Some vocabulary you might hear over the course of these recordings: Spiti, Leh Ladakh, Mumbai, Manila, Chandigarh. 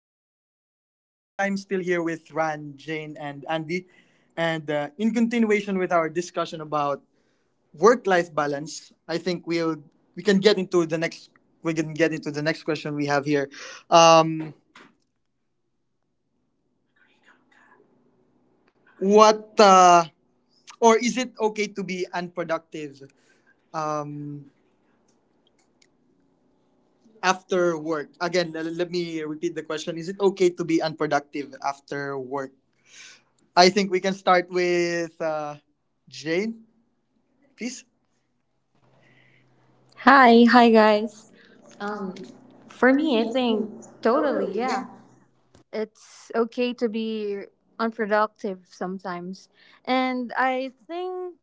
is still me, Jeff, and I'm still here with Ran, Jane, and Andy. And in continuation with our discussion about work-life balance, I think we can get into the next we can get into the next question we have here. Um, what or is it okay to be unproductive um, after work? Again, let me repeat the question: is it okay to be unproductive after work? I think we can start with Jane, please. Hi, hi Hi. guys. Um Um, for for me I me, I think think totally, totally, yeah. yeah. It's okay to be unproductive sometimes. And I think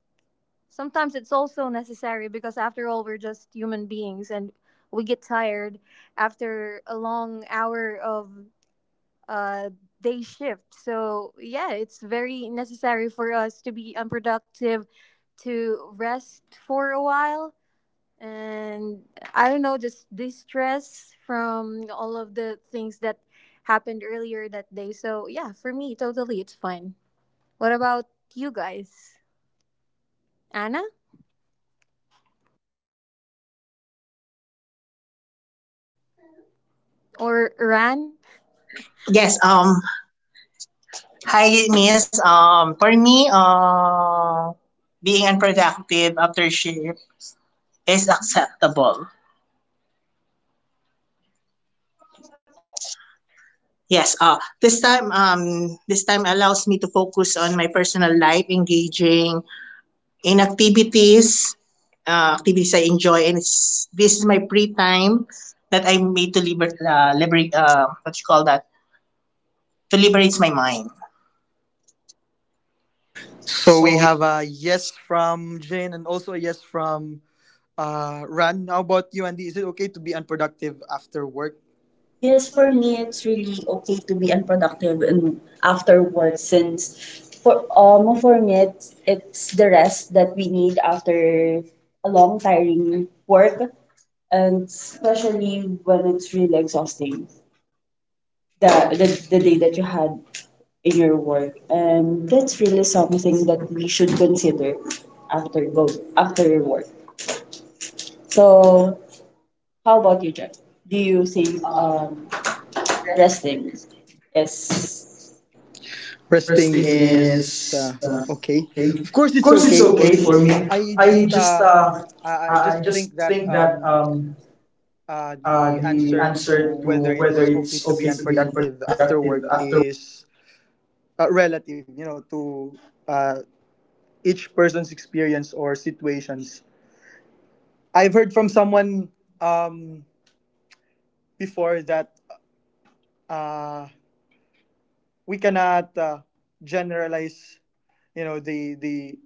sometimes it's also necessary because after all we're just human beings and we get tired after a long hour of uh day shift. So, yeah, it's very necessary for us to be unproductive to rest for a while and I don't know, just distress from all of the things that happened earlier that day. So yeah, for me, totally, it's fine. What about you guys, Anna or Ran? Yes. Yes. Um. Hi, Miss. For me, being unproductive after shift is acceptable. Yes. This time, this time allows me to focus on my personal life, engaging in activities, activities I enjoy, and it's this is my free time that I made to liberate, liberate, what you call that, to liberate my mind. So we have So a yes from Jane and also a yes from Ran. How about you, Andy? Is it okay to be unproductive after work? Yes, for me, it's really okay to be unproductive and after work since for me it's the rest that we need after a long tiring work, and especially when it's really exhausting the, the the day that you had in your work, and that's really something that we should consider after go after your work. So how about you, Jeff? Do you think resting is First Resting thing is is okay. okay. Of course, Of it's course, it's okay for okay me. for me. I just uh, I just I think just that think that the the answer to answer to whether whether it's okay it's to okay be to be unproductive unproductive after after work is relative. You know, to uh, each person's experience or situations. I've heard from someone um, before that uh, we cannot generalize, you know, the the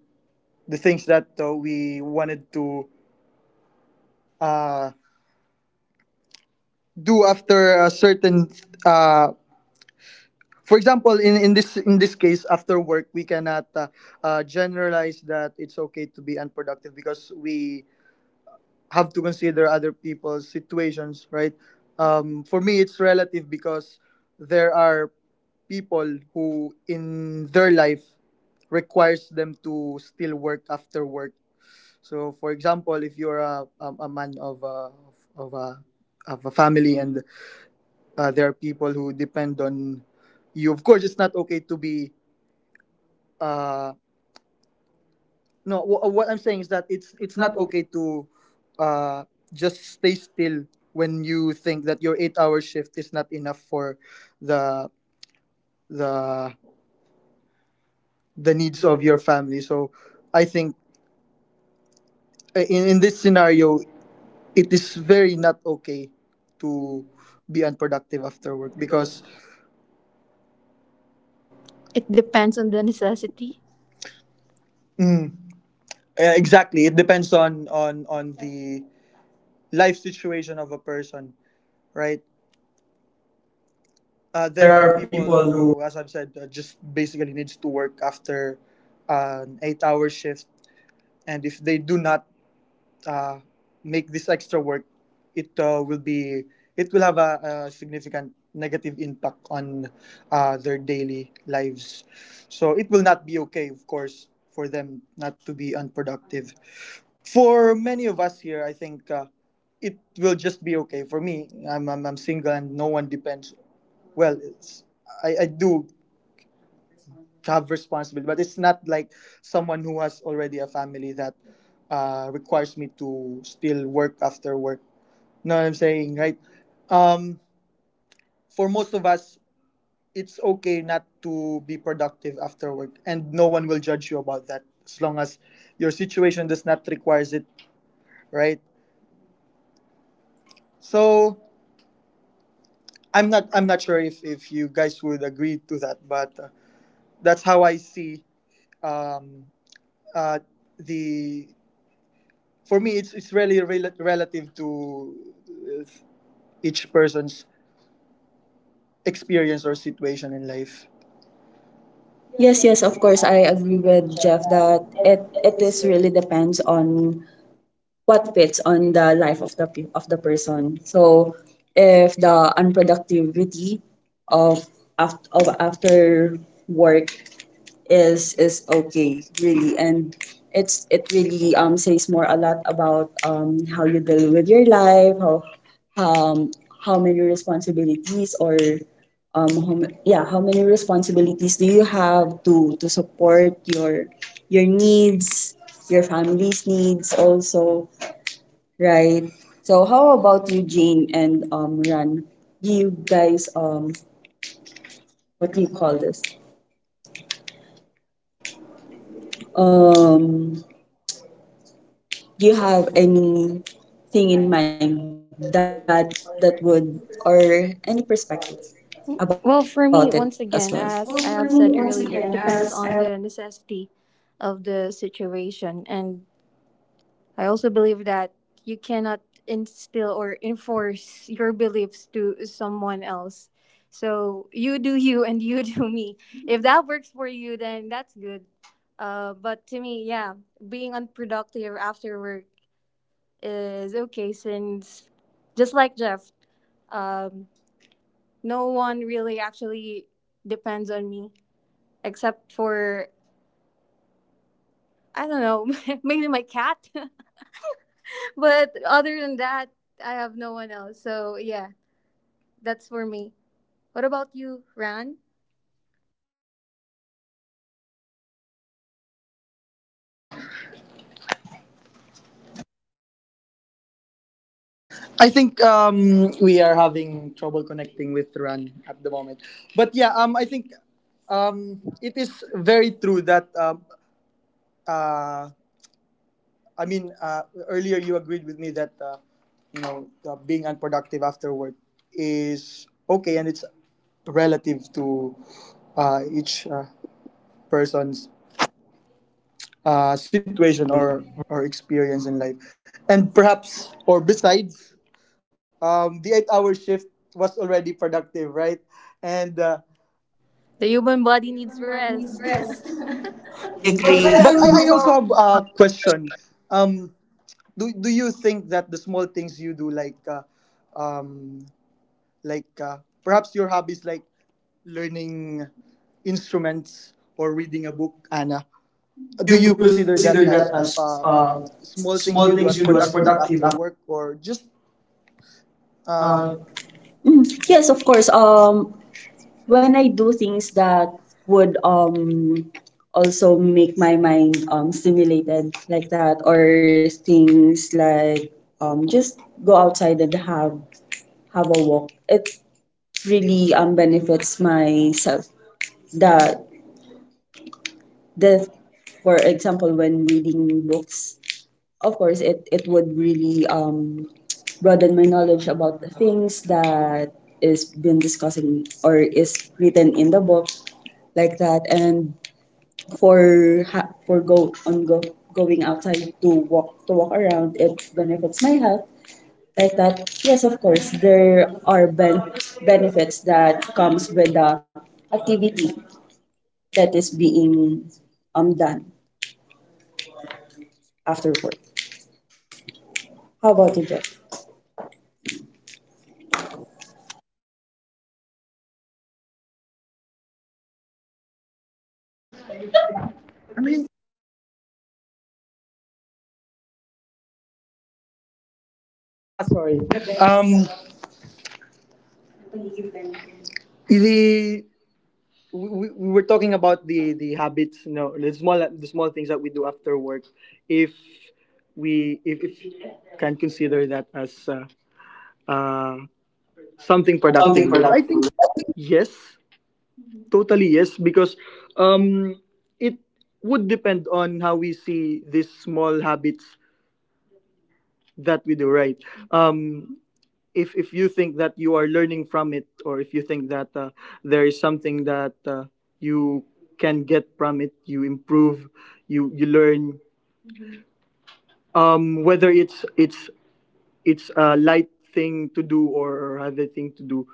the things that we wanted to uh, do after a certain. Uh, for example, in this case, after work, we cannot generalize that it's okay to be unproductive, because we have to consider other people's situations, right? For me, it's relative because there are people who in their life requires them to still work after work. So, for example, if you're a man of a, of a of a family, and there are people who depend on you, of course, it's not okay to be uh, No, what I'm saying is that it's It's not not okay. okay to uh, just stay still when you think that your 8-hour shift is not enough for the the the needs Needs of of your your family. So I think in this scenario, it it's is just very not okay to to be unproductive after uh, work because… because it depends on the necessity. Mm. Yeah, exactly. It depends on the life situation of a person, right? There are people who, as I've said, just basically needs to work after an 8-hour shift, and if they do not uh, make this extra work, it uh, will be it will have a significant negative impact on their daily lives. So it will not be okay, of course, for them not to be unproductive. For many of us here, I think. It will just be okay for me. I'm single and no one depends. Well, I do have responsibility, but it's not like someone who has already a family that requires me to still work after work. Know what I'm saying, right? um, for most of us, it's okay not to be productive after work, and no one will judge you about that as long as your situation does not requires it, right? So I'm not sure if you guys would agree to that, but that's how I see. Um, uh, the For me, it's really relative to uh, each person's experience or situation in life. Yes, Yes, yes, yes, of of course. course, I I agree agree with with Jeff Jeff that that It it it it is is really… really depends on what fits on the life of the pe- of the person. So, if the unproductivity of of after work is okay really, and it's it really says more a lot about how you deal with your life, um how many responsibilities, or yeah, how many responsibilities do you have to support your needs, your family's needs also, right? So how about you, Jane, and Ran, do you guys what do you call this, um do you have anything in mind that that would or any perspective about Well, it for me, as well? once again, Well, for me, as I once have said again, earlier, as it depends on the necessity of the situation and I also believe that you cannot instill or enforce your beliefs to someone else. So you do you and you do me. If that works for you, then that's good. But to me, yeah, being unproductive after work is okay since just like Jeff, um, no one really actually depends on me except for I don't know, maybe my cat. But other than that, I have no one else. So yeah, that's for me. What about you, Ran? I think we are having trouble connecting with Ran at the moment. But yeah, I think it is very true that uh, I mean, earlier you agreed with me that being unproductive after work is okay, and it's relative to each person's situation or experience in life, and perhaps, or besides, the 8-hour shift was already productive, right? And The the human body human needs body needs rest. rest. But I, I But I also agree. I But I also have a also have a question. question. Um, do you think that the small things you do um like perhaps your hobbies, like learning instruments or reading a book, Anna? Do Do you you consider consider that that as as small small things things you you do do as as productive? productive after work, or just Uh, uh Mm, yes, Yes, of of course. course. When When I I do do things things that that would… would also make my mind stimulated like that, or things like just go outside and have a walk. It really benefits myself. The the for example, when reading books, of course it would really broaden my knowledge about the things that is been discussing or is written in the book like that. And for ha- for go on go going outside to walk around, it benefits my health like that. Yes, of course there are benefits that comes with the activity that is being done after work. How about you, Jeff? Sorry, um really, the we were talking about the habits, the small things that we do after work. If we if you can consider that as uh, something Something productive already, I productive. think I think. yes, totally yes, because um, it would depend on how we see these small habits that we do, right? Um, if you think that you are learning from it, or if you think that there is something that you can get from it, you improve, you learn, whether it's a light thing to do or other thing to do.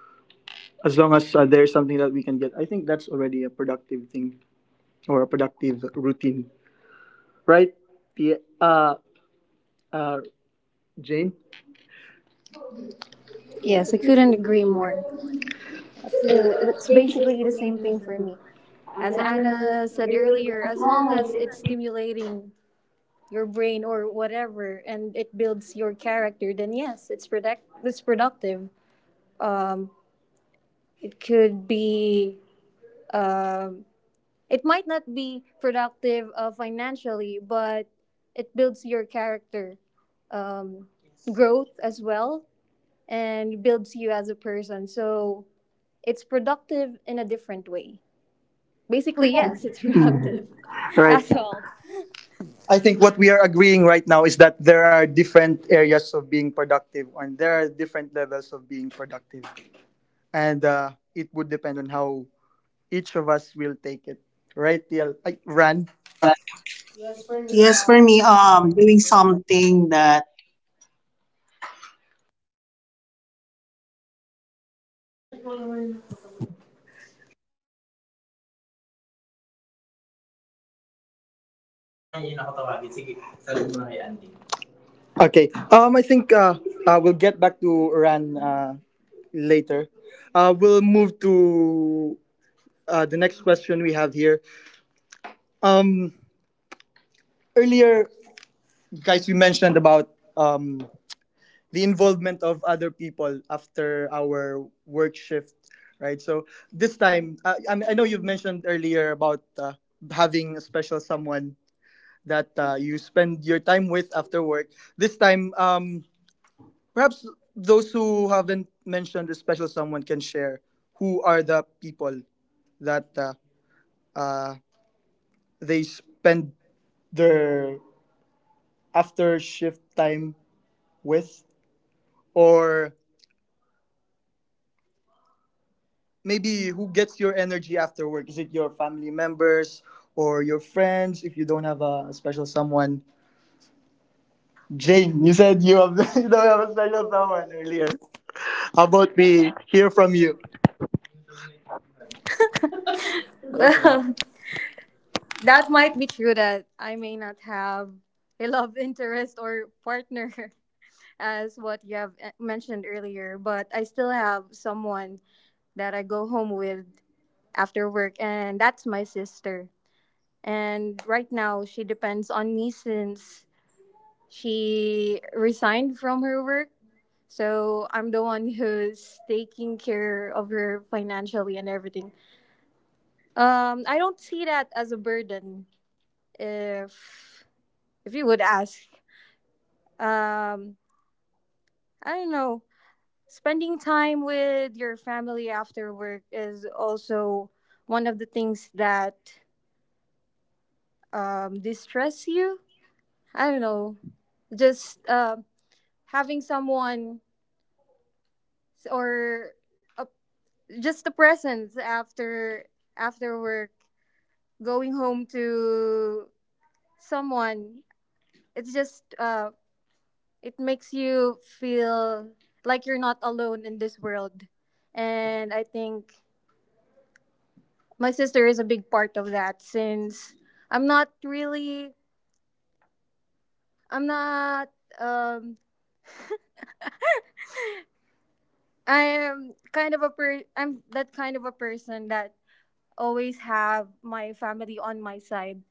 As long as there is something that we can get, I think that's already a productive thing or a productive routine, right? The uh Jane. yes, I couldn't agree more. So That's the, it's it's basically basically the the same same thing for thing me. as As animals, Anna said really. earlier, as long as it's stimulating your brain or whatever and it builds your character, then yes, it's productive. Um, it could be um, it might not be productive financially, but it builds your character, um, growth as well, and builds you as a person. So it's productive in a different way. Basically, yes, it's productive. Right. That's all. I think what we are agreeing right now is that there are different areas of being productive, and there are different levels of being productive, and it would depend on how each of us will take it. Right, Tiel? Ay, Ran? Run. Just for me, Yes, for me, so… doing something that. Mamaya yun ako tawagin. Sige, sabi mo na kay Andy. Okay. I think we'll get back to Ran later. We'll move to the next question we have here. Um, earlier, guys, we mentioned about the involvement of other people after our work shift, right? So this time, I mean, I know you've mentioned earlier about having a special someone that you spend your time with after work. This time, perhaps those who haven't mentioned a special someone can share who are the people that uh, they spend their after shift time with, or maybe who gets your energy after work. Is it your family members or your friends? If you don't have a special someone, Jane, you said you have you don't have a special someone earlier. How about we hear from you? That That might. might be true that I may not have a love interest or partner as what you have mentioned earlier, but I still have someone that I go home with after work, and that's my sister. And right now, she depends on me since she resigned from her work. So I'm the one who's taking care of her financially and everything. I don't see that as a burden. If if you would ask, um, I don't know. Spending time with your family after work is also one of the things that distress you I don't know, just having someone or a, just the presence after work, going home to someone. It's just it makes you feel like you're not alone in this world, and I think my sister is a big part of that since I'm not really I'm not um I am kind of a per I'm that kind of a person that always have my family on my side.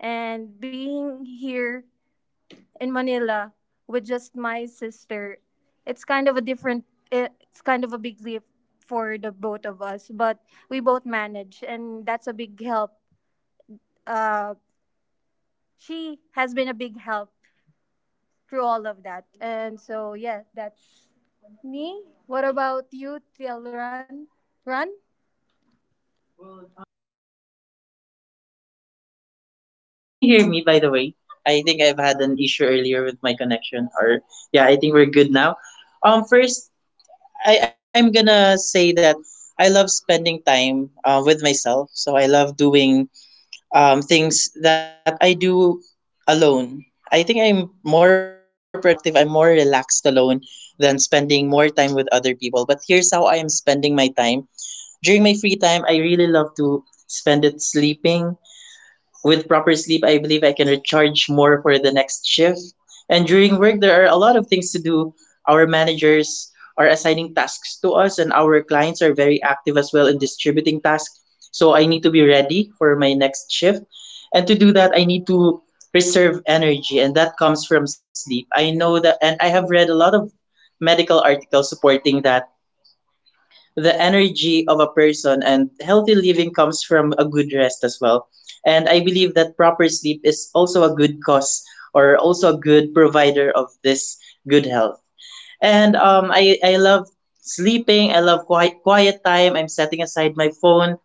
And being here in Manila with just my sister, it's kind of a different, it's kind of a big leap for the both of us, but we both manage, and that's a big help. Uh, she has been a big help through all of that. And so, yeah, that's me. What about you, Tilran? Run? Well, that's a very interesting topic to discuss. Can you hear me, by the way? I think I've had an issue earlier with my connection, or yeah, I think we're good now. First, I'm gonna say that I love spending time with myself, so I love doing things that I do alone. I think I'm more productive, I'm more relaxed alone than spending more time with other people. But here's how I am spending my time. During my free time, I really love to spend it sleeping. With proper sleep, I believe I can recharge more for the next shift. And during work, there are a lot of things to do. Our managers are assigning tasks to us, and our clients are very active as well in distributing tasks. So I need to be ready for my next shift. And to do that, I need to reserve energy, and that comes from sleep. I know that, and I have read a lot of medical articles supporting that the energy of a person and healthy living comes from a good rest as well. And I believe that proper sleep is also a good cause or also a good provider of this good health. And I love sleeping, I love quiet time. I'm setting aside my phone,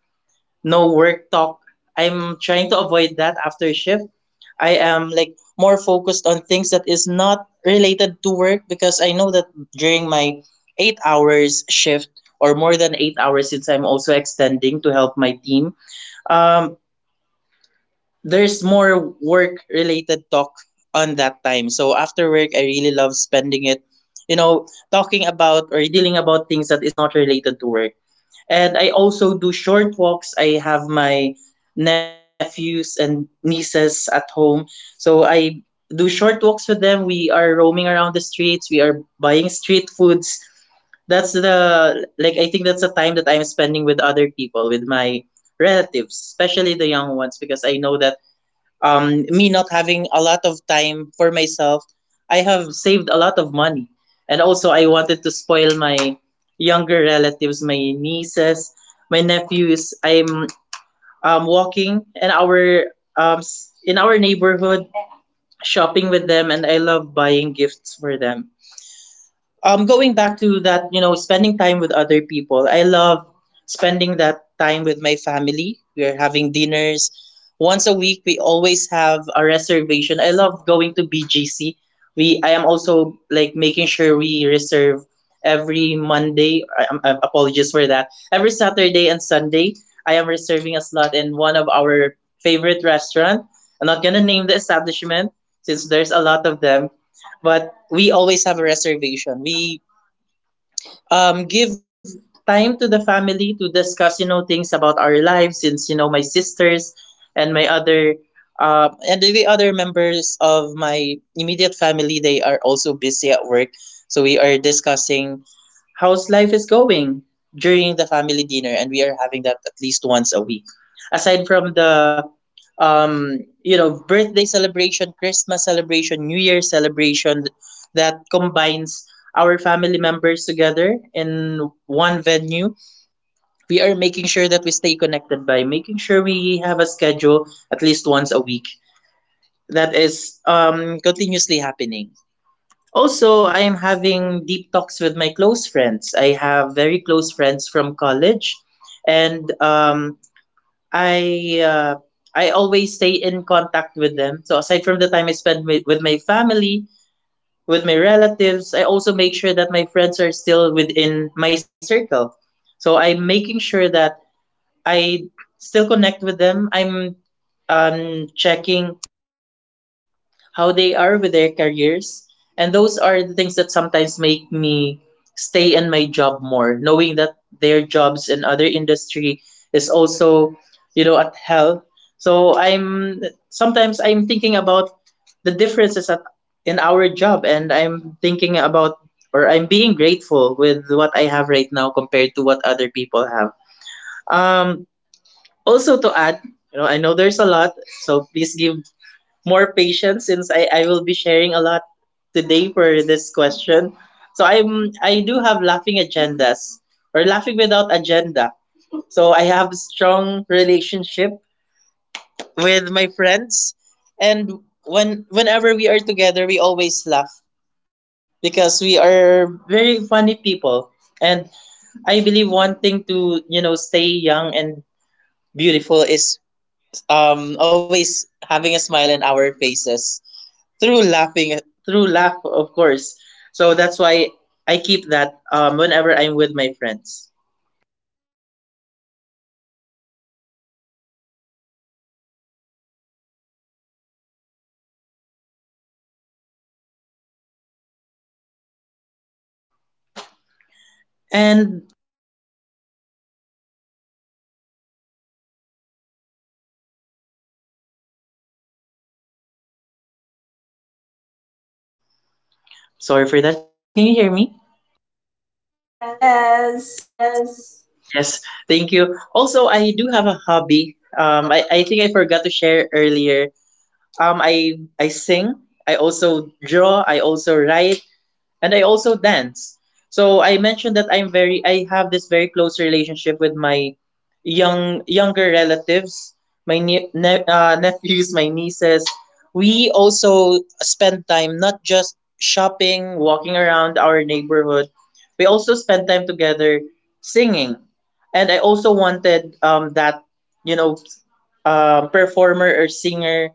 no work talk. I'm trying to avoid that after shift. I am like more focused on things that is not related to work because I know that during my 8 hours shift or more than 8 hours since I'm also extending to help my team. Um there's more work related talk on that time. So after work I really love spending it, you know, talking about or dealing about things that is not related to work. And I also do short walks. I have my nephews and nieces at home. So I do short walks with them. We are roaming around the streets. We are buying street foods. That's I think that's the time that I'm spending with other people, with my relatives, especially the young ones, because I know that, me not having a lot of time for myself, I have saved a lot of money. And also, I wanted to spoil my younger relatives, my nieces, my nephews. I'm walking in our in our neighborhood, shopping with them, and I love buying gifts for them. Going back to that, you know, spending time with other people. I love spending that time with my family. We're having dinners once a week. We always have a reservation. I love going to BGC. We I am also like making sure we reserve every Monday. I, apologies for that. Every Saturday and Sunday, I am reserving a slot in one of our favorite restaurant. I'm not gonna name the establishment since there's a lot of them, but we always have a reservation. We give time to the family to discuss, you know, things about our lives since, you know, my sisters and my other and the other members of my immediate family, they are also busy at work. So we are discussing how's life is going during the family dinner and we are having that at least once a week aside from the, you know, birthday celebration, Christmas celebration, new year celebration that combines our family members together in one venue. We are making sure that we stay connected by making sure we have a schedule at least once a week that is continuously happening. Also, I am having deep talks with my close friends. I have very close friends from college, and I uh, I always stay in contact with them. So aside from the time I spend with my family, with my relatives, I also make sure that my friends are still within my circle. So I'm making sure that I still connect with them. I'm checking how they are with their careers. And those are the things that sometimes make me stay in my job more, knowing that their jobs in other industry is also, you know, at hell. So I'm sometimes I'm thinking about the differences at, in our job and I'm thinking about or I'm being grateful with what I have right now compared to what other people have. Um Also to add, you know, I know there's a lot, so please give more patience since I will be sharing a lot today for this question. So I do have laughing agendas or laughing without agenda. So I have strong relationship with my friends, and whenever we are together we always laugh because we are very funny people. And I believe one thing to, you know, stay young and beautiful is always having a smile in our faces through laughing, through laugh of course. So that's why I keep that, whenever I'm with my friends. And sorry for that, can you hear me? Yes. Yes. Yes, thank you. Also, I do have a hobby. I think I forgot to share earlier. I sing, I also draw, I also write, and I also dance. So I mentioned that I have this very close relationship with my younger relatives, my nephews, my nieces. We also spend time not just shopping, walking around our neighborhood. We also spend time together singing. And I also wanted, that you know, performer or singer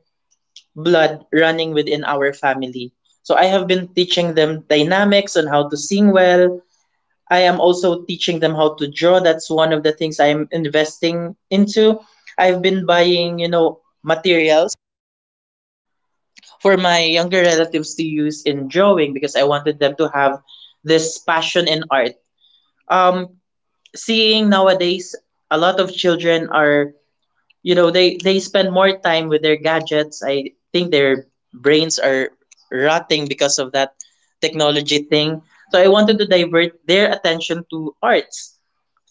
blood running within our family. So I have been teaching them dynamics on how to sing well. I am also teaching them how to draw. That's one of the things I'm investing into. I've been buying, you know, materials for my younger relatives to use in drawing because I wanted them to have this passion in art. Um, Seeing nowadays a lot of children are, you know, they spend more time with their gadgets. I think their brains are rotting because of that technology thing. So I wanted to divert their attention to arts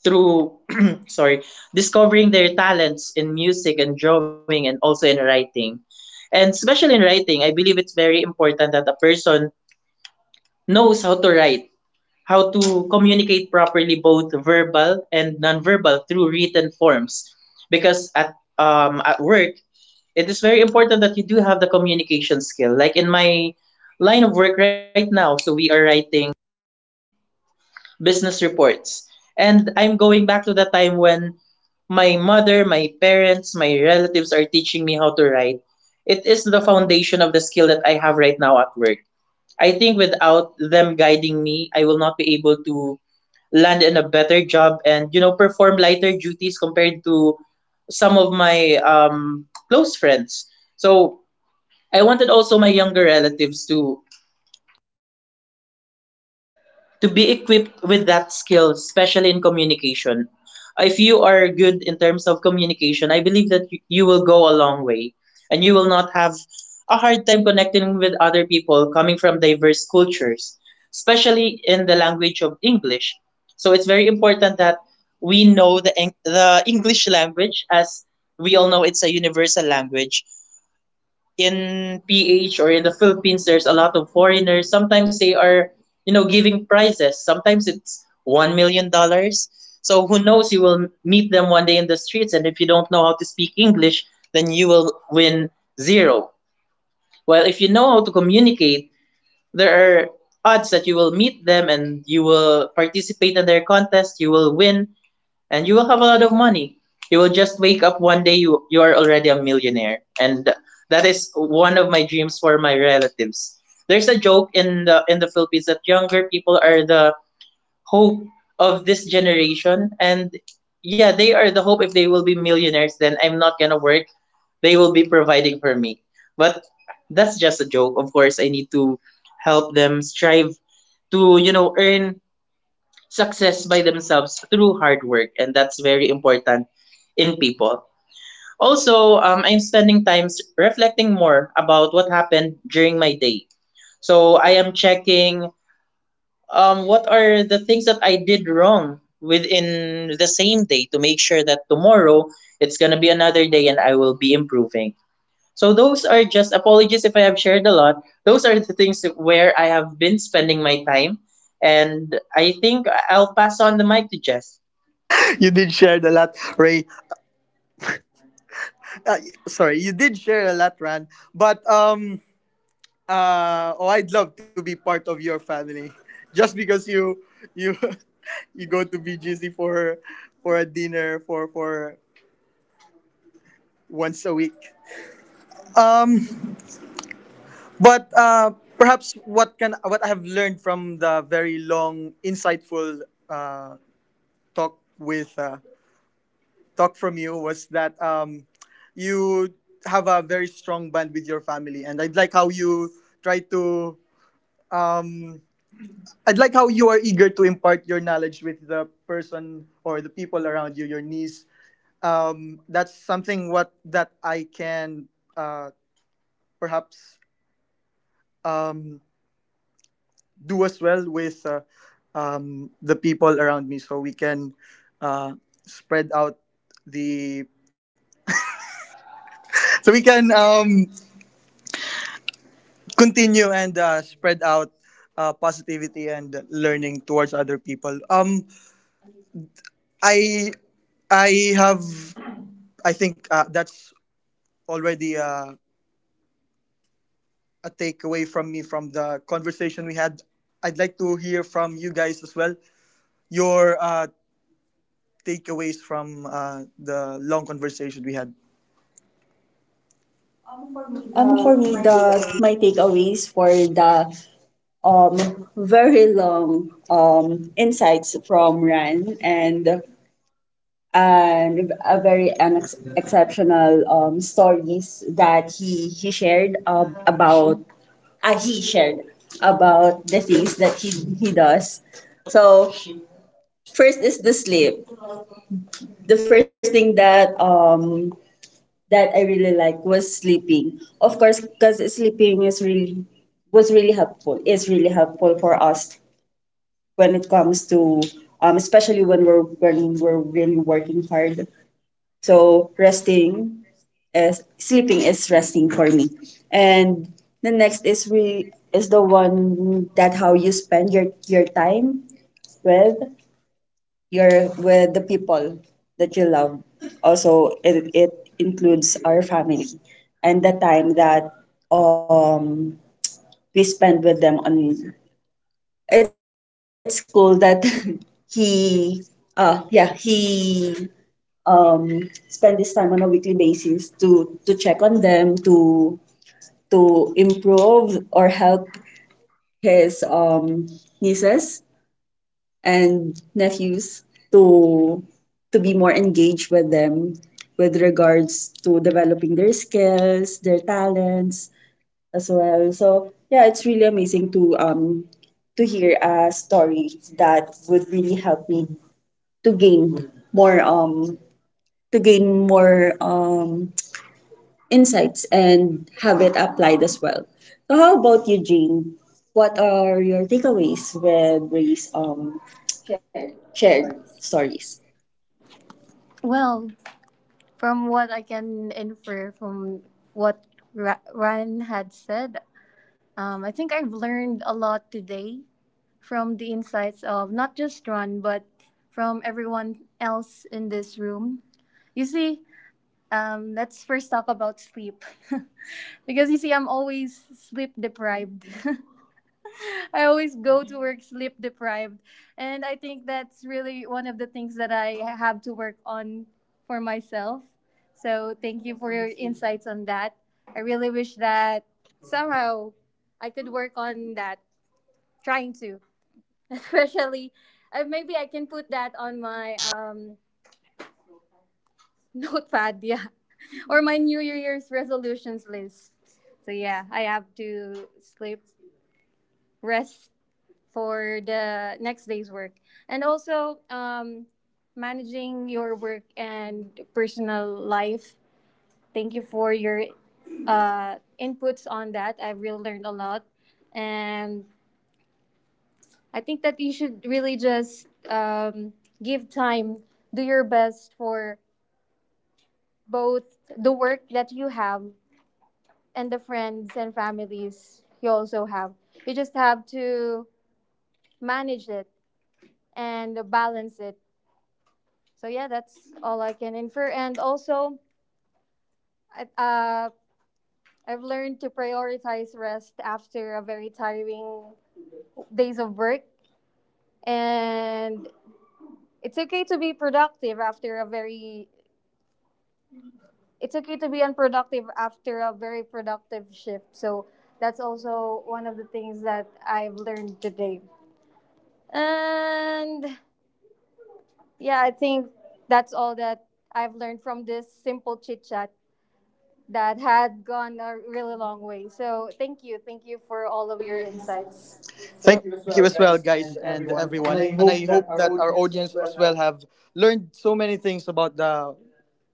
through sorry, discovering their talents in music and drawing and also in writing. And especially in writing, I believe it's very important that a person knows how to write, how to communicate properly, both verbal and nonverbal through written forms, because at work it is very important that you do have the communication skill. Like in my line of work right now, so we are writing business reports. And I'm going back to the time when my mother, my parents, my relatives are teaching me how to write. It is the foundation of the skill that I have right now at work. I think without them guiding me, I will not be able to land in a better job and, you know, perform lighter duties compared to some of my close friends. So I wanted also my younger relatives to be equipped with that skill, especially in communication. If you are good in terms of communication, I believe that you will go a long way and you will not have a hard time connecting with other people coming from diverse cultures, especially in the language of English. So it's very important that we know the, the English language, as we all know it's a universal language. In PH or in the Philippines, there's a lot of foreigners. Sometimes they are, you know, giving prizes. Sometimes it's $1 million. So who knows? You will meet them one day in the streets, and if you don't know how to speak English, then you will win zero. Well, if you know how to communicate, there are odds that you will meet them and you will participate in their contest. You will win and you will have a lot of money. You will just wake up one day, you are already a millionaire, and that is one of my dreams for my relatives. There's a joke in the Philippines that younger people are the hope of this generation, and yeah, they are the hope. If they will be millionaires, then I'm not gonna work. They will be providing for me, but that's just a joke. Of course, I need to help them strive to, you know, earn success by themselves through hard work, and that's very important in people. Also, I'm spending times reflecting more about what happened during my day. So I am checking, what are the things that I did wrong within the same day to make sure that tomorrow it's gonna be another day and I will be improving. So those are just, apologies if I have shared a lot. Those are the things where I have been spending my time, and I think I'll pass on the mic to Jeff. You did share a lot, Ray. Sorry, you did share a lot, Ran. But oh, I'd love to be part of your family, just because you you go to BGC for a dinner for once a week. Um, but perhaps, what I have learned from the very long, insightful uh, talk with uh, talk from you was that you have a very strong band with your family, and try to um, I'd like how you are eager to impart your knowledge with the person or the people around you, your niece. That's something what that I can uh, perhaps um, do as well with the people around me, so we can uh, spread out the so we can continue and spread out positivity and learning towards other people. I I have I think that's already a takeaway from me from the conversation we had. I'd like to hear from you guys as well your takeaways from the long conversation we had. For me, For the me, my the takeaway. my takeaways for the very long insights from Ryan and a very exceptional stories that he shared about he shared about the things that he does. So first is the sleep. The first thing that that I really like was sleeping. Of course, because sleeping is really was really helpful. It's really helpful for us when it comes to especially when we're really working hard. So resting is sleeping is resting for me. And the next is re is the one that how you spend your time with your with the people that you love. Also, it includes our family and the time that um we spend with them on it's cool that he yeah, he spend this time on a weekly basis to check on them, to improve or help his nieces and nephews to to be more engaged with them with regards to developing their skills, their talents as well. So yeah, it's really amazing to hear a story that would really help me to gain more um to gain more insights and have it applied as well. So how about you, Jane? What are your takeaways with Ray's shared stories? Well, from what I can infer from what Ryan had said, I think I've learned a lot today from the insights of not just Ron, but from everyone else in this room. You see, let's first talk about sleep. Because you see, I'm always sleep deprived. I always go to work sleep deprived. And I think that's really one of the things that I have to work on for myself. So thank you for your insights on that. I really wish that somehow I could work on that, trying to, especially maybe I can put that on my notepad, yeah, or my New Year's resolutions list. So yeah, I have to sleep, rest, for the next day's work. And also, managing your work and personal life. Thank you for your uh, inputs on that. I've really learned a lot. And I think that you should really just give time, do your best for both the work that you have and the friends and families you also have. You just have to manage it and balance it. So yeah, that's all I can infer. And also, I- uh, I've learned to prioritize rest after a very tiring days of work, and it's okay to be productive after a very. It's okay to be unproductive after a very productive shift. So that's also one of the things that I've learned today. And yeah, I think that's all that I've learned from this simple chit chat that had gone a really long way. So thank you. Thank you for all of Follow your your insights. insights. Thank Thank so- you you as as well, well, guys, guys, and and everyone. everyone. And And I I hope hope that that our our audience audience as as well well have have learned so many things about the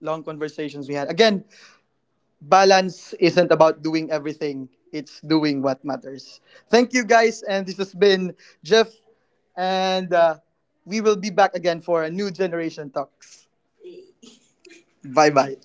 long conversations we had. Again, balance isn't about doing everything, it's doing what matters. Thank you guys, and this has been Jeff, and we will be back again for a new generation talks. Bye bye.